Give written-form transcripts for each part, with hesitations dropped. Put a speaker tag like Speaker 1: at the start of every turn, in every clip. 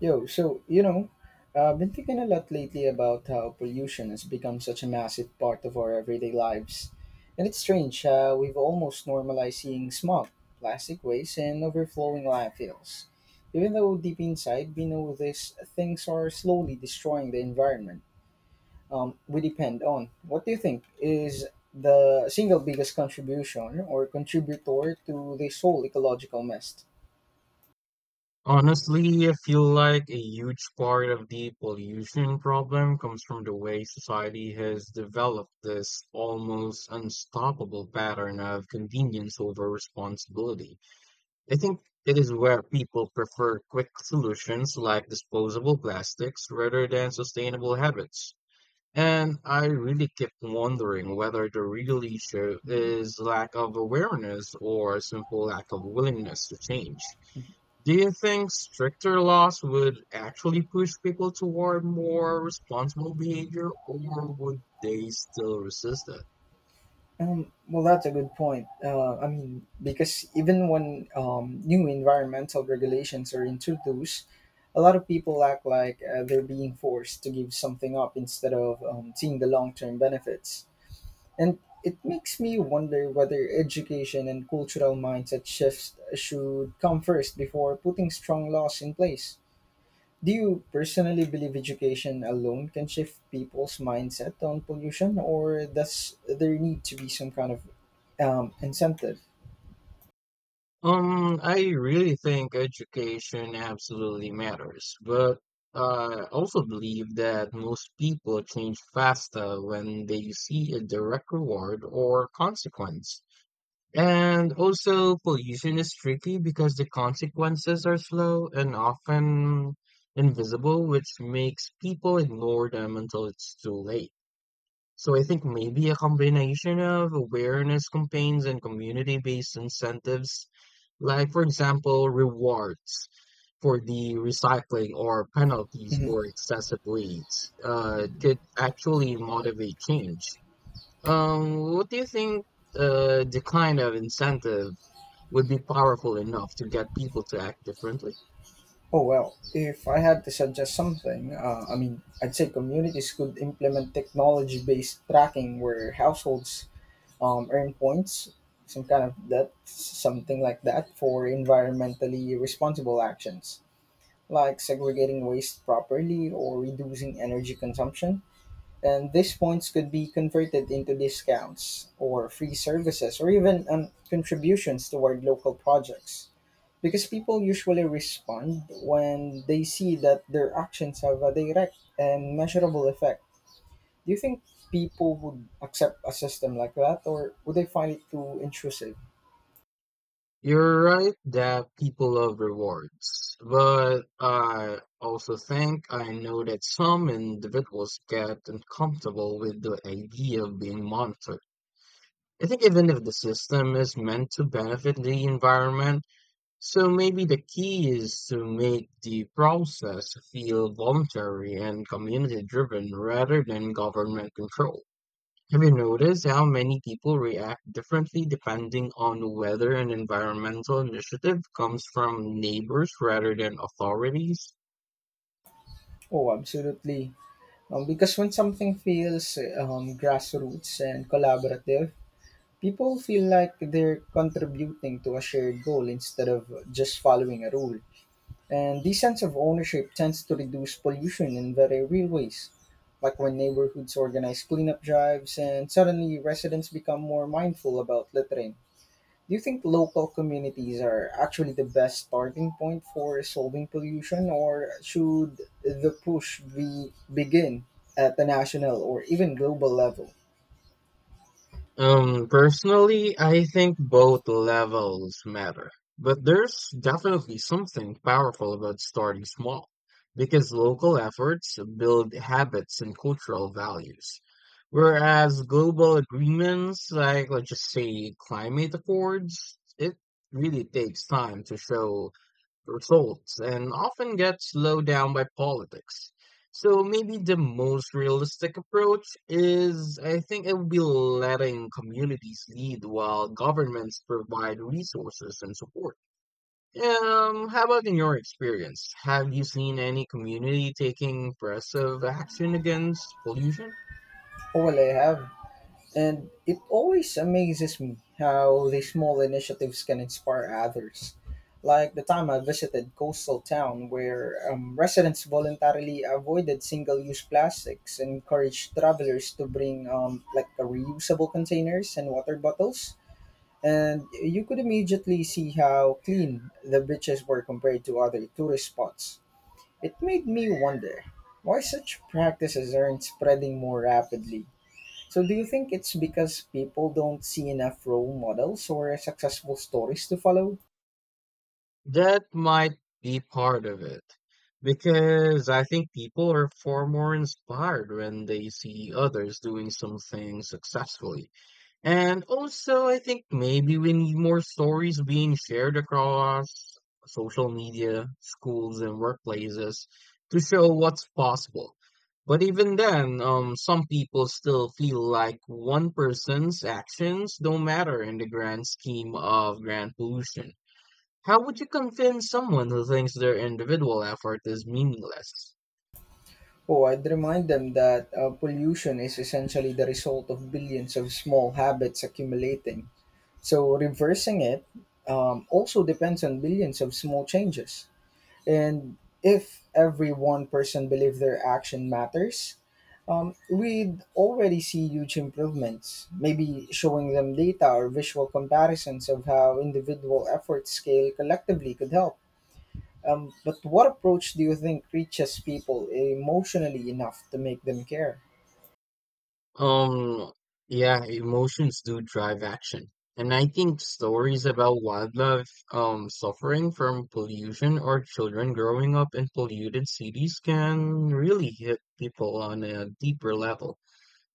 Speaker 1: Yo, so, I've been thinking a lot lately about how pollution has become such a massive part of our everyday lives. And it's strange, we've almost normalized seeing smog, plastic waste, and overflowing landfills. Even though deep inside we know these things are slowly destroying the environment we depend on. What do you think is the single biggest contribution or contributor to this whole ecological mess?
Speaker 2: Honestly, I feel like a huge part of the pollution problem comes from the way society has developed this almost unstoppable pattern of convenience over responsibility. I think it is where people prefer quick solutions like disposable plastics rather than sustainable habits. And I really kept wondering whether the real issue is lack of awareness or a simple lack of willingness to change. Do you think stricter laws would actually push people toward more responsible behavior, or would they still resist it?
Speaker 1: Well, that's a good point. I mean, because even when new environmental regulations are introduced, a lot of people act like they're being forced to give something up instead of seeing the long term benefits. And it makes me wonder whether education and cultural mindset shifts should come first before putting strong laws in place. Do you personally believe education alone can shift people's mindset on pollution, or does there need to be some kind of incentive.
Speaker 2: I really think education absolutely matters, but I also believe that most people change faster when they see a direct reward or consequence. And also, pollution is tricky because the consequences are slow and often invisible, which makes people ignore them until it's too late. So I think maybe a combination of awareness campaigns and community-based incentives, like for example, rewards for the recycling or penalties
Speaker 1: Mhm.
Speaker 2: for excessive waste, could actually motivate change. What do you think the kind of incentive would be powerful enough to get people to act differently?
Speaker 1: Oh, well, if I had to suggest something, I mean, I'd say communities could implement technology-based tracking where households earn points, something like that, for environmentally responsible actions, like segregating waste properly or reducing energy consumption. And these points could be converted into discounts or free services or even contributions toward local projects. Because people usually respond when they see that their actions have a direct and measurable effect. Do you think people would accept a system like that or would they find it too intrusive?
Speaker 2: You're right that people love rewards, but I also think I know that some individuals get uncomfortable with the idea of being monitored. I think even if the system is meant to benefit the environment, so maybe the key is to make the process feel voluntary and community driven rather than government controlled. Have you noticed how many people react differently depending on whether an environmental initiative comes from neighbors rather than authorities?
Speaker 1: Oh, absolutely. Because when something feels grassroots and collaborative, people feel like they're contributing to a shared goal instead of just following a rule. And this sense of ownership tends to reduce pollution in very real ways, like when neighborhoods organize cleanup drives and suddenly residents become more mindful about littering. Do you think local communities are actually the best starting point for solving pollution, or should the push be begin at the national or even global level?
Speaker 2: Personally, I think both levels matter, but there's definitely something powerful about starting small because local efforts build habits and cultural values. Whereas global agreements, like let's just say climate accords, it really takes time to show results and often gets slowed down by politics. So maybe the most realistic approach is I think it would be letting communities lead while governments provide resources and support. How about in your experience? Have you seen any community taking progressive action against pollution?
Speaker 1: Oh, well, I have. And it always amazes me how these small initiatives can inspire others. Like the time I visited coastal town where residents voluntarily avoided single-use plastics, and encouraged travelers to bring like a reusable containers and water bottles, and you could immediately see how clean the beaches were compared to other tourist spots. It made me wonder why such practices aren't spreading more rapidly. So, do you think it's because people don't see enough role models or successful stories to follow?
Speaker 2: That might be part of it, because I think people are far more inspired when they see others doing something successfully. And also, I think maybe we need more stories being shared across social media, schools, and workplaces to show what's possible. But even then, some people still feel like one person's actions don't matter in the grand scheme of grand pollution. How would you convince someone who thinks their individual effort is meaningless?
Speaker 1: Oh, I'd remind them that pollution is essentially the result of billions of small habits accumulating. So, reversing it also depends on billions of small changes. And if every one person believed their action matters, we'd already see huge improvements. Maybe showing them data or visual comparisons of how individual efforts scale collectively could help. But what approach do you think reaches people emotionally enough to make them care?
Speaker 2: Um, yeah, emotions do drive action. And I think stories about wildlife suffering from pollution or children growing up in polluted cities can really hit people on a deeper level,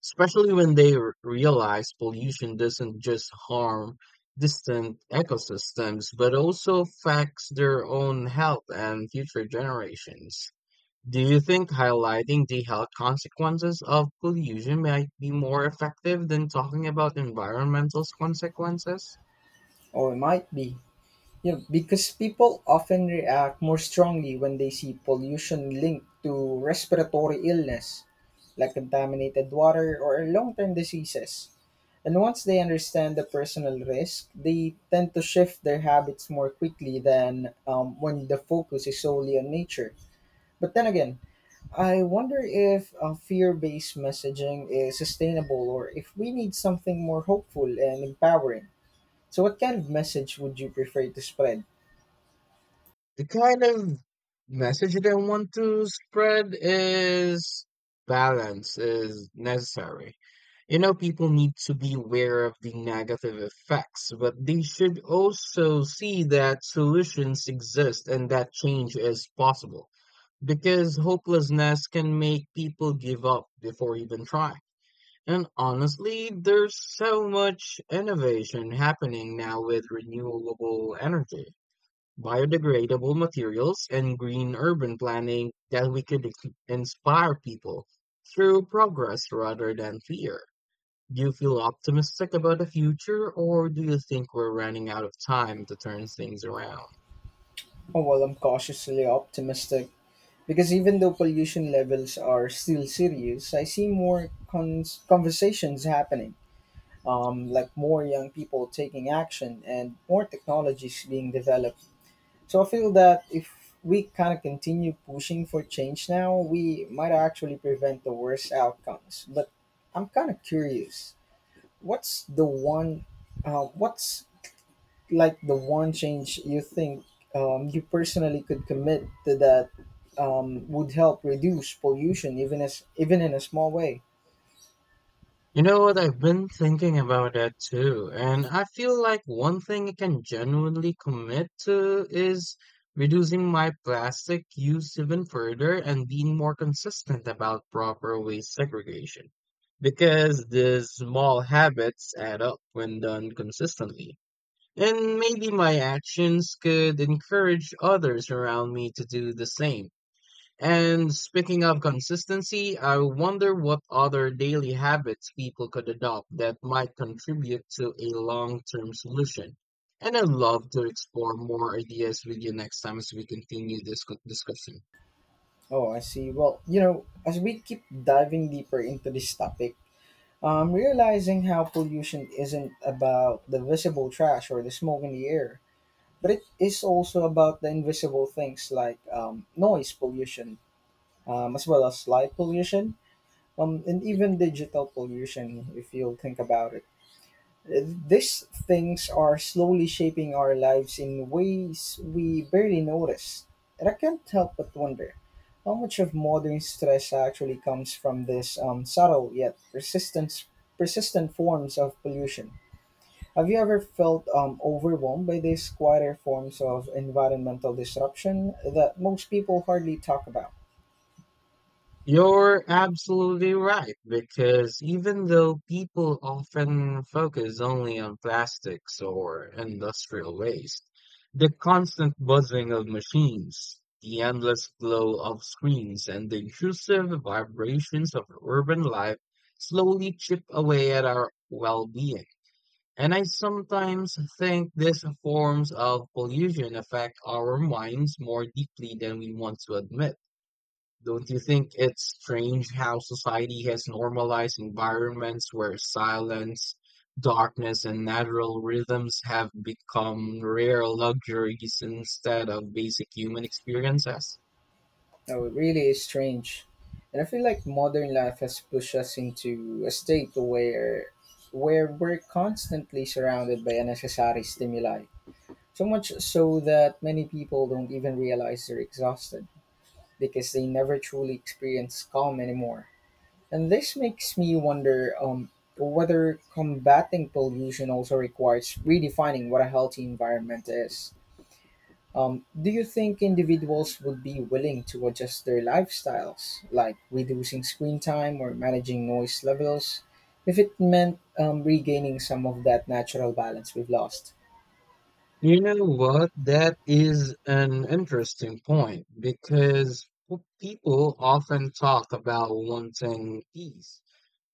Speaker 2: especially when realize pollution doesn't just harm distant ecosystems, but also affects their own health and future generations. Do you think highlighting the health consequences of pollution might be more effective than talking about environmental consequences?
Speaker 1: Or it might be. Yeah, because people often react more strongly when they see pollution linked to respiratory illness, like contaminated water or long term diseases. And once they understand the personal risk, they tend to shift their habits more quickly than when the focus is solely on nature. But then again, I wonder if fear based messaging is sustainable or if we need something more hopeful and empowering. So, what kind of message would you prefer to spread?
Speaker 2: The kind of message that I want to spread is balance is necessary. You know, people need to be aware of the negative effects, but they should also see that solutions exist and that change is possible because hopelessness can make people give up before even trying. And honestly, there's so much innovation happening now with renewable energy, biodegradable materials, and green urban planning that we could inspire people through progress rather than fear. Do you feel optimistic about the future, or do you think we're running out of time to turn things around?
Speaker 1: Oh, well, I'm cautiously optimistic because even though pollution levels are still serious, I see more conversations happening, like more young people taking action and more technologies being developed. So I feel that if we kind of continue pushing for change now, we might actually prevent the worst outcomes. But I'm kind of curious, what's the one, what's like the one change you think you personally could commit to that would help reduce pollution even in a small way.
Speaker 2: You know what? I've been thinking about that too, and I feel like one thing I can genuinely commit to is reducing my plastic use even further and being more consistent about proper waste segregation. Because these small habits add up when done consistently. And maybe my actions could encourage others around me to do the same. And speaking of consistency, I wonder what other daily habits people could adopt that might contribute to a long-term solution. And I'd love to explore more ideas with you next time as we continue this discussion.
Speaker 1: Oh, I see. Well, as we keep diving deeper into this topic, I'm realizing how pollution isn't about the visible trash or the smoke in the air, but it is also about the invisible things like noise pollution, as well as light pollution, and even digital pollution if you'll think about it. These things are slowly shaping our lives in ways we barely notice. And I can't help but wonder how much of modern stress actually comes from this subtle yet persistent forms of pollution. Have you ever felt overwhelmed by these quieter forms of environmental disruption that most people hardly talk about?
Speaker 2: You're absolutely right, because even though people often focus only on plastics or industrial waste, the constant buzzing of machines, the endless glow of screens, and the intrusive vibrations of urban life slowly chip away at our well-being. And I sometimes think these forms of pollution affect our minds more deeply than we want to admit. Don't you think it's strange how society has normalized environments where silence, darkness, and natural rhythms have become rare luxuries instead of basic human experiences?
Speaker 1: No, it really is strange. And I feel like modern life has pushed us into a state where we're constantly surrounded by unnecessary stimuli. So much so that many people don't even realize they're exhausted because they never truly experience calm anymore. And this makes me wonder whether combating pollution also requires redefining what a healthy environment is. Do you think individuals would be willing to adjust their lifestyles, like reducing screen time or managing noise levels, if it meant regaining some of that natural balance we've lost?
Speaker 2: You know what? That is an interesting point because people often talk about wanting peace,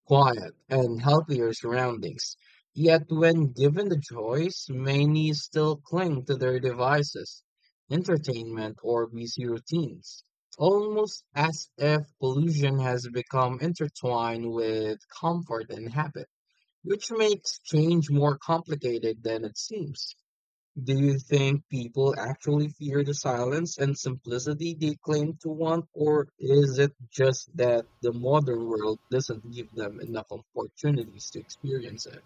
Speaker 2: quiet, and healthier surroundings. Yet, when given the choice, many still cling to their devices, entertainment, or busy routines, almost as if pollution has become intertwined with comfort and habit, which makes change more complicated than it seems. Do you think people actually fear the silence and simplicity they claim to want, or is it just that the modern world doesn't give them enough opportunities to experience it?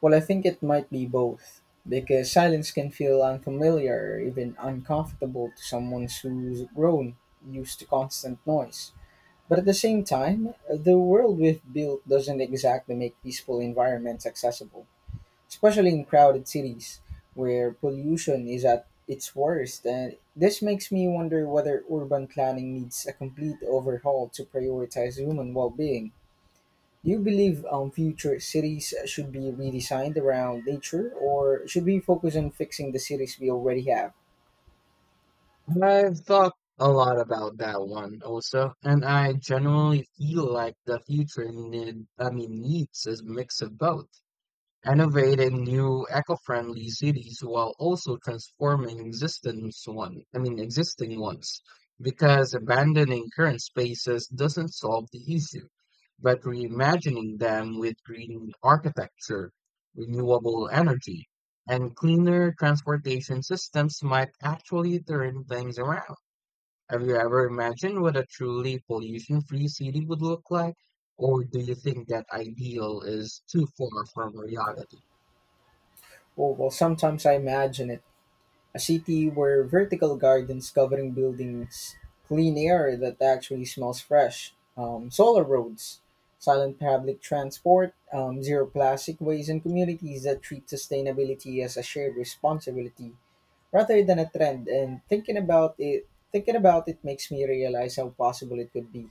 Speaker 1: Well, I think it might be both, because silence can feel unfamiliar or even uncomfortable to someone who's grown used to constant noise. But at the same time, the world we've built doesn't exactly make peaceful environments accessible, especially in crowded cities where pollution is at its worst. And this makes me wonder whether urban planning needs a complete overhaul to prioritize human well being. Do you believe future cities should be redesigned around nature, or should we focus on fixing the cities we already have?
Speaker 2: I've thought a lot about that one also, and I generally feel like the future needs a mix of both. Innovate in new eco-friendly cities while also transforming existing ones, because abandoning current spaces doesn't solve the issue, but reimagining them with green architecture, renewable energy, and cleaner transportation systems might actually turn things around. Have you ever imagined what a truly pollution-free city would look like? Or do you think that ideal is too far from reality?
Speaker 1: Oh, well, sometimes I imagine it. A city where vertical gardens covering buildings, clean air that actually smells fresh, solar roads, silent public transport, zero plastic waste, and communities that treat sustainability as a shared responsibility rather than a trend. And thinking about it makes me realize how possible it could be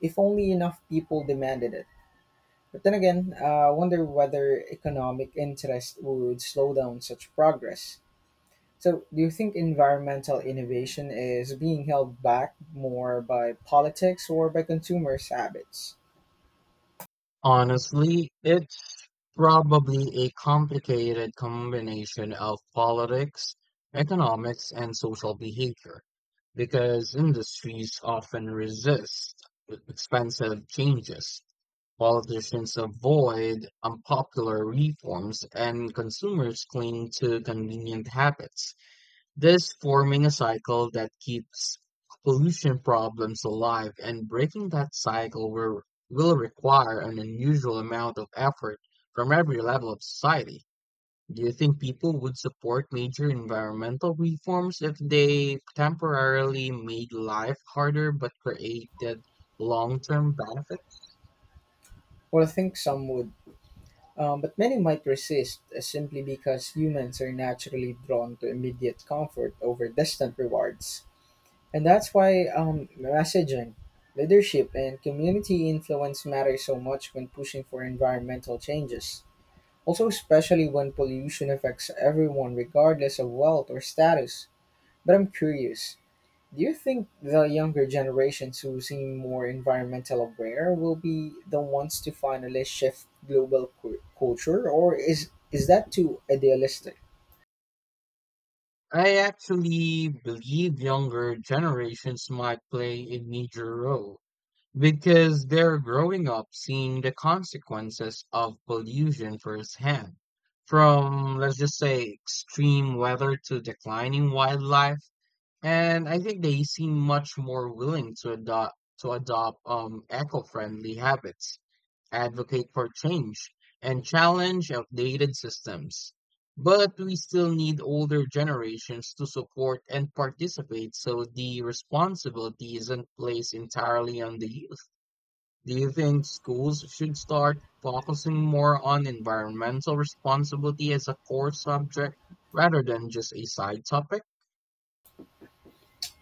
Speaker 1: if only enough people demanded it. But then again, I wonder whether economic interest would slow down such progress. So, do you think environmental innovation is being held back more by politics or by consumers' habits?
Speaker 2: Honestly, it's probably a complicated combination of politics, economics, and social behavior, because industries often resist expensive changes. Politicians avoid unpopular reforms, and consumers cling to convenient habits, this forming a cycle that keeps pollution problems alive, and breaking that cycle will require an unusual amount of effort from every level of society. Do you think people would support major environmental reforms if they temporarily made life harder but created long-term benefits?
Speaker 1: Well, I think some would, but many might resist simply because humans are naturally drawn to immediate comfort over distant rewards. And that's why messaging, leadership, and community influence matter so much when pushing for environmental changes. Also, especially when pollution affects everyone regardless of wealth or status. But I'm curious, do you think the younger generations who seem more environmental aware will be the ones to finally shift global culture, or is that too idealistic?
Speaker 2: I actually believe younger generations might play a major role. Because they're growing up seeing the consequences of pollution firsthand, from, let's just say, extreme weather to declining wildlife. And I think they seem much more willing to adopt eco-friendly habits, advocate for change, and challenge outdated systems. But we still need older generations to support and participate, so the responsibility isn't placed entirely on the youth. Do you think schools should start focusing more on environmental responsibility as a core subject rather than just a side topic?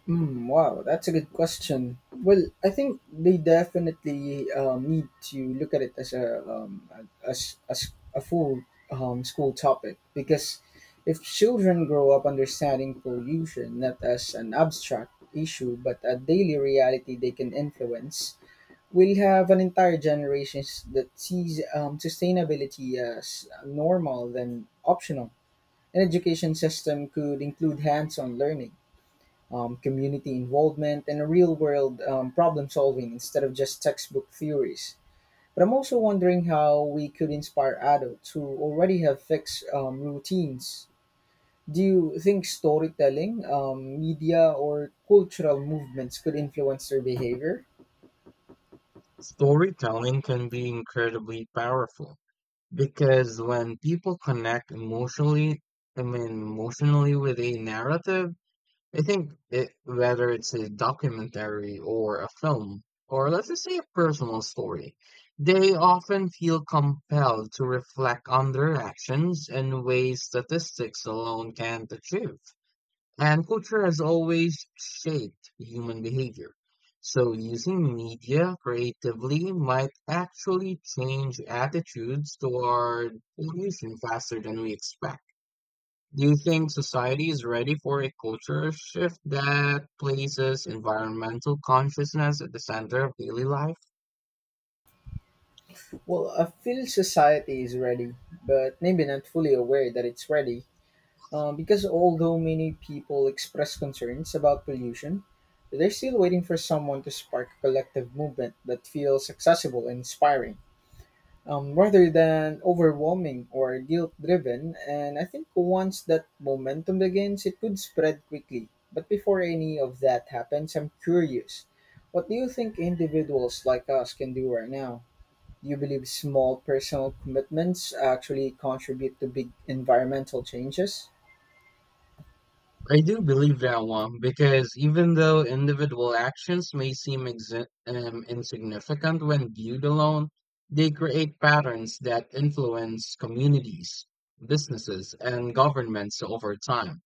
Speaker 1: Mm, wow, that's a good question. Well, I think they definitely need to look at it as a full school topic because if children grow up understanding pollution not as an abstract issue but a daily reality they can influence, we'll have an entire generation that sees sustainability as normal than optional. An education system could include hands-on learning, community involvement, and a real-world problem solving instead of just textbook theories. But I'm also wondering how we could inspire adults who already have fixed routines. Do you think storytelling, media, or cultural movements could influence their behavior?
Speaker 2: Storytelling can be incredibly powerful because when people connect emotionally, with a narrative, I think it, whether it's a documentary or a film, or let's just say a personal story, they often feel compelled to reflect on their actions in ways statistics alone can't achieve. And culture has always shaped human behavior. So using media creatively might actually change attitudes toward pollution faster than we expect. Do you think society is ready for a culture shift that places environmental consciousness at the center of daily life?
Speaker 1: Well, I feel society is ready, but maybe not fully aware that it's ready. Because although many people express concerns about pollution, they're still waiting for someone to spark a collective movement that feels accessible and inspiring, rather than overwhelming or guilt driven. And I think once that momentum begins, it could spread quickly. But before any of that happens, I'm curious. What do you think individuals like us can do right now? Do you believe small personal commitments actually contribute to big environmental changes?
Speaker 2: I do believe that one because even though individual actions may seem insignificant when viewed alone, they create patterns that influence communities, businesses, and governments over time.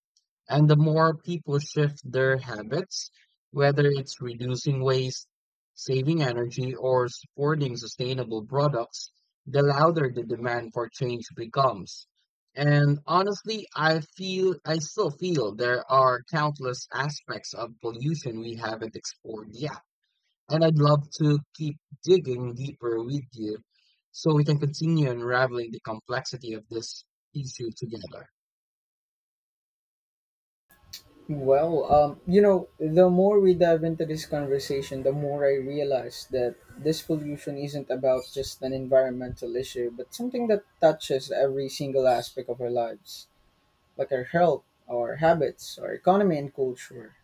Speaker 2: And the more people shift their habits, whether it's reducing waste, saving energy, or supporting sustainable products, the louder the demand for change becomes. And honestly, I still feel there are countless aspects of pollution we haven't explored yet. And I'd love to keep digging deeper with you so we can continue unraveling the complexity of this issue together.
Speaker 1: Well, the more we dive into this conversation, the more I realize that this pollution isn't about just an environmental issue, but something that touches every single aspect of our lives, like our health, our habits, our economy, and culture.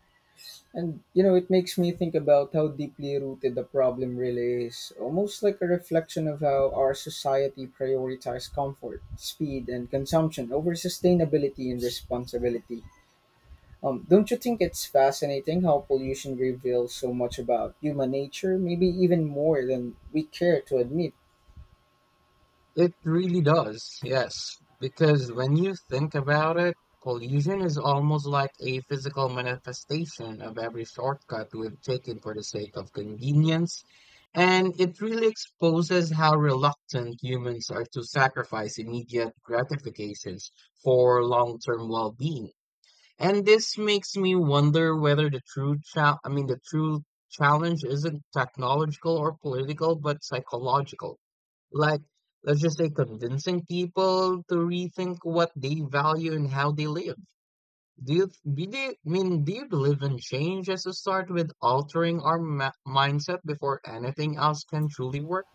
Speaker 1: And you know, it makes me think about how deeply rooted the problem really is, almost like a reflection of how our society prioritizes comfort, speed, and consumption over sustainability and responsibility. Don't you think it's fascinating how pollution reveals so much about human nature, maybe even more than we care to admit?
Speaker 2: It really does, yes. Because when you think about it, pollution is almost like a physical manifestation of every shortcut we've taken for the sake of convenience. And it really exposes how reluctant humans are to sacrifice immediate gratifications for long-term well-being. And this makes me wonder whether the true challenge isn't technological or political, but psychological, like, let's just say convincing people to rethink what they value and how they live. Do you believe in change as a start with altering our mindset before anything else can truly work?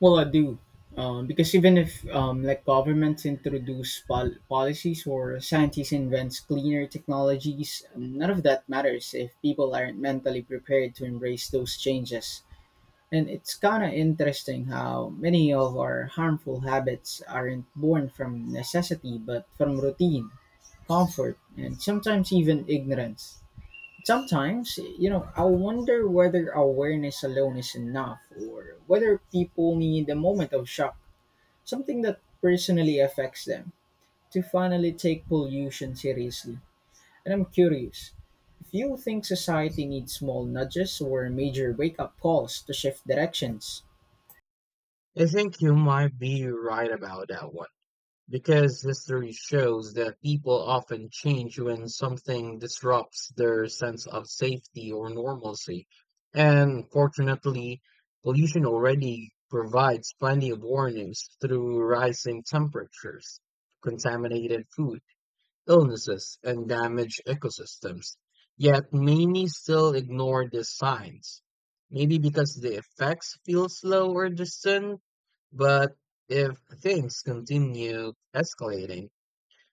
Speaker 1: Well, I do, because even if like governments introduce policies or scientists invents cleaner technologies, none of that matters if people aren't mentally prepared to embrace those changes. And it's kind of interesting how many of our harmful habits aren't born from necessity but from routine, comfort, and sometimes even ignorance. Sometimes, you know, I wonder whether awareness alone is enough or whether people need a moment of shock, something that personally affects them, to finally take pollution seriously. And I'm curious if you think society needs small nudges or major wake up calls to shift directions.
Speaker 2: I think you might be right about that one. Because history shows that people often change when something disrupts their sense of safety or normalcy. And fortunately, pollution already provides plenty of warnings through rising temperatures, contaminated food, illnesses, and damaged ecosystems. Yet many still ignore these signs. Maybe because the effects feel slow or distant, but if things continue escalating,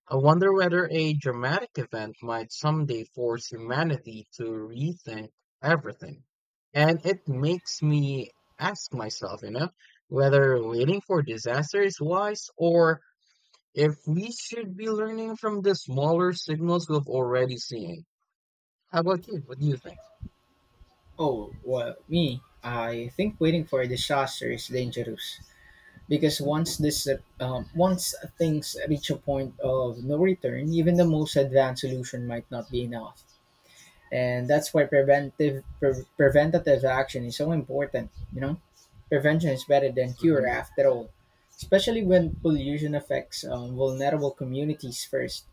Speaker 2: I wonder whether a dramatic event might someday force humanity to rethink everything. And it makes me ask myself, you know, whether waiting for disaster is wise or if we should be learning from the smaller signals we've already seen. How about you? What do you think?
Speaker 1: Oh, well, me, I think waiting for a disaster is dangerous, because once things reach a point of no return, even the most advanced solution might not be enough. And that's why preventative action is so important. Prevention is better than cure
Speaker 2: Hmm.
Speaker 1: after all, especially when pollution affects vulnerable communities first,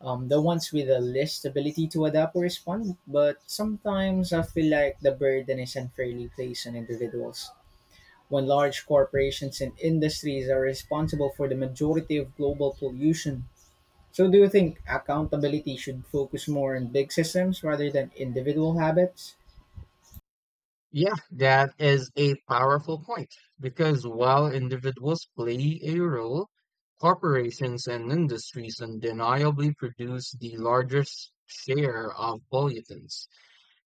Speaker 1: the ones with the least ability to adapt or respond. But sometimes I feel like the burden is unfairly placed on individuals when large corporations and industries are responsible for the majority of global pollution. So, do you think accountability should focus more on big systems rather than individual habits?
Speaker 2: Yeah, that is a powerful point because while individuals play a role, corporations and industries undeniably produce the largest share of pollutants.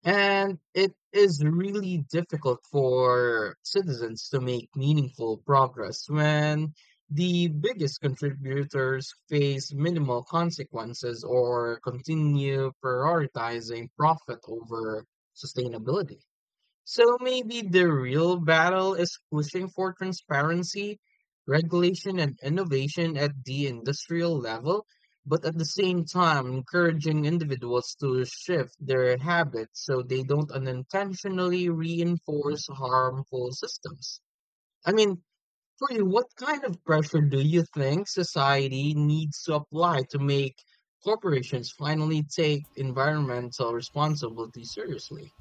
Speaker 2: And it is really difficult for citizens to make meaningful progress when the biggest contributors face minimal consequences or continue prioritizing profit over sustainability. So maybe the real battle is pushing for transparency, regulation, and innovation at the industrial level, but at the same time encouraging individuals to shift their habits so they don't unintentionally reinforce harmful systems. I mean, for you, what kind of pressure do you think society needs to apply to make corporations finally take environmental responsibility seriously?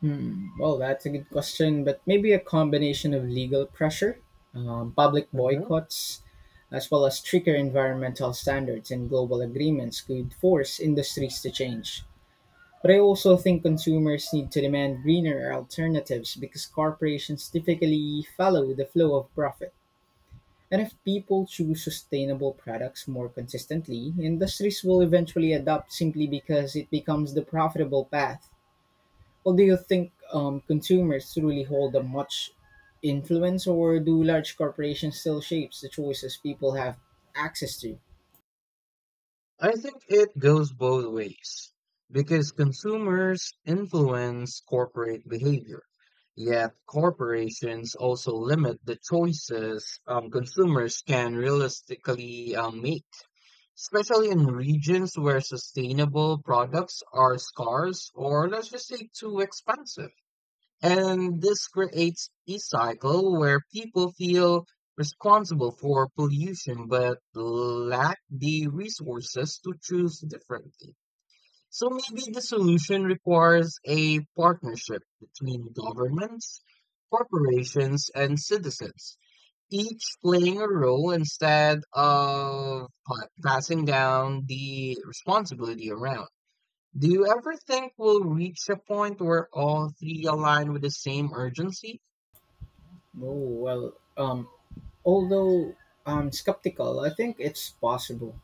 Speaker 1: Hmm, well, that's a good question, but maybe a combination of legal pressure, public boycotts, as well as stricter environmental standards and global agreements could force industries to change. But I also think consumers need to demand greener alternatives because corporations typically follow the flow of profit. And if people choose sustainable products more consistently, industries will eventually adopt simply because it becomes the profitable path. Well, do you think consumers truly hold a much influence, or do large corporations still shapes the choices people have access to?
Speaker 2: I think it goes both ways because consumers influence corporate behavior, yet corporations also limit the choices consumers can realistically make, especially in regions where sustainable products are scarce or, let's just say, too expensive. And this creates a cycle where people feel responsible for pollution but lack the resources to choose differently. So maybe the solution requires a partnership between governments, corporations, and citizens, each playing a role instead of passing down the responsibility around. Do you ever think we'll reach a point where all three align with the same urgency?
Speaker 1: Oh, well, although I'm skeptical, I think it's possible.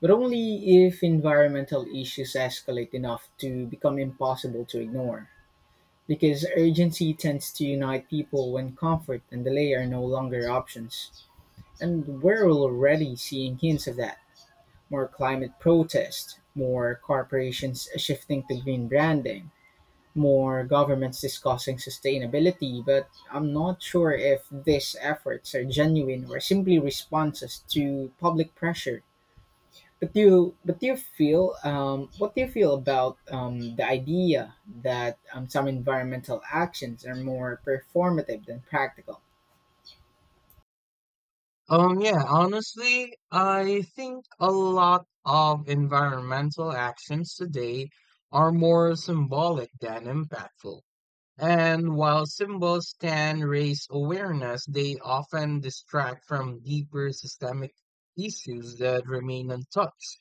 Speaker 1: But only if environmental issues escalate enough to become impossible to ignore. Because urgency tends to unite people when comfort and delay are no longer options. And we're already seeing hints of that. More climate protests, more corporations shifting to green branding, more governments discussing sustainability, but I'm not sure if these efforts are genuine or simply responses to public pressure. But do you feel, What do you feel about the idea that some environmental actions are more performative than practical?
Speaker 2: Yeah, honestly, I think a lot of environmental actions today are more symbolic than impactful. And while symbols can raise awareness, they often distract from deeper systemic issues that remain untouched,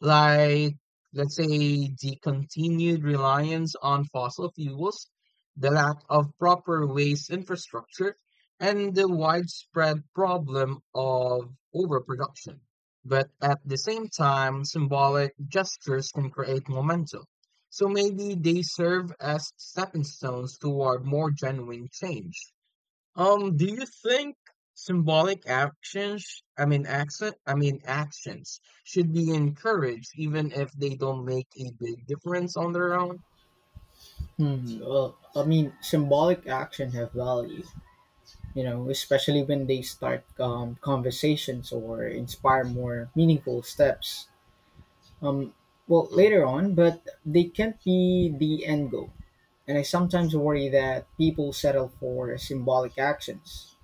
Speaker 2: like, let's say, the continued reliance on fossil fuels, the lack of proper waste infrastructure, and the widespread problem of overproduction. But at the same time, symbolic gestures can create momentum. So maybe they serve as stepping stones toward more genuine change. Do you think symbolic actions, I mean accent, I mean actions should be encouraged even if they don't make a big difference on their own?
Speaker 1: Hmm, well, I mean, symbolic actions have value, you know, especially when they start conversations or inspire more meaningful steps. Um, well,
Speaker 2: Mm,
Speaker 1: later on, but they can't be the end goal. And I sometimes worry that people settle for symbolic actions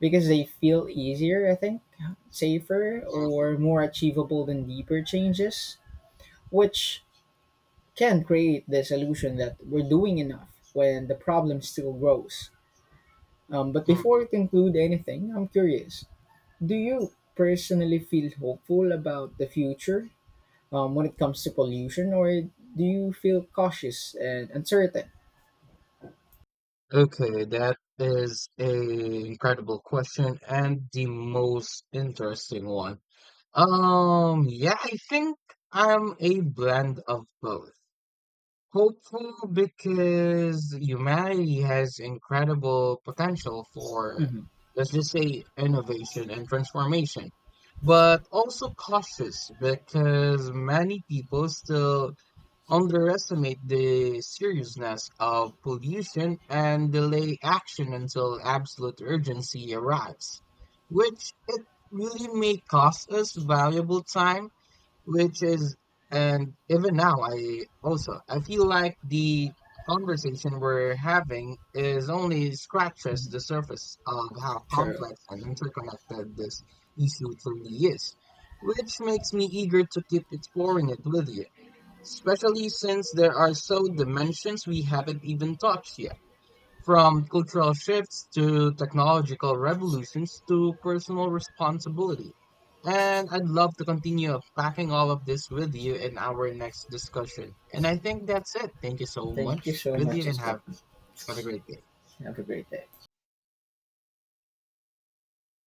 Speaker 1: because they feel easier, I think, safer,
Speaker 2: mm,
Speaker 1: or more achievable than deeper changes, which can create this illusion that we're doing enough when the problem still grows. But
Speaker 2: mm,
Speaker 1: before we
Speaker 2: mm.
Speaker 1: conclude anything, I'm curious, do you personally feel hopeful about the future when it comes to pollution, or do you feel cautious and uncertain?
Speaker 2: Okay, that is a incredible question and the most interesting one. Yeah, I think I'm a blend of both. Hopeful because humanity has incredible potential for,
Speaker 1: Hmm.
Speaker 2: let's just say, innovation and transformation, but also cautious because many people still underestimate the seriousness of pollution and delay action until absolute urgency arrives, which it really may cost us valuable time, which is and even now I feel like the conversation we're having is only scratches the surface of how
Speaker 1: True.
Speaker 2: complex and interconnected this issue truly is, which makes me eager to keep exploring it with you, especially since there are so dimensions we haven't even touched yet, from cultural shifts to technological revolutions to personal responsibility. And I'd love to continue unpacking all of this with you in our next discussion. And I think that's it. Thank you so
Speaker 1: Thank you
Speaker 2: much
Speaker 1: so
Speaker 2: with
Speaker 1: much
Speaker 2: you and
Speaker 1: as well.
Speaker 2: have a great day.
Speaker 1: Have a great day.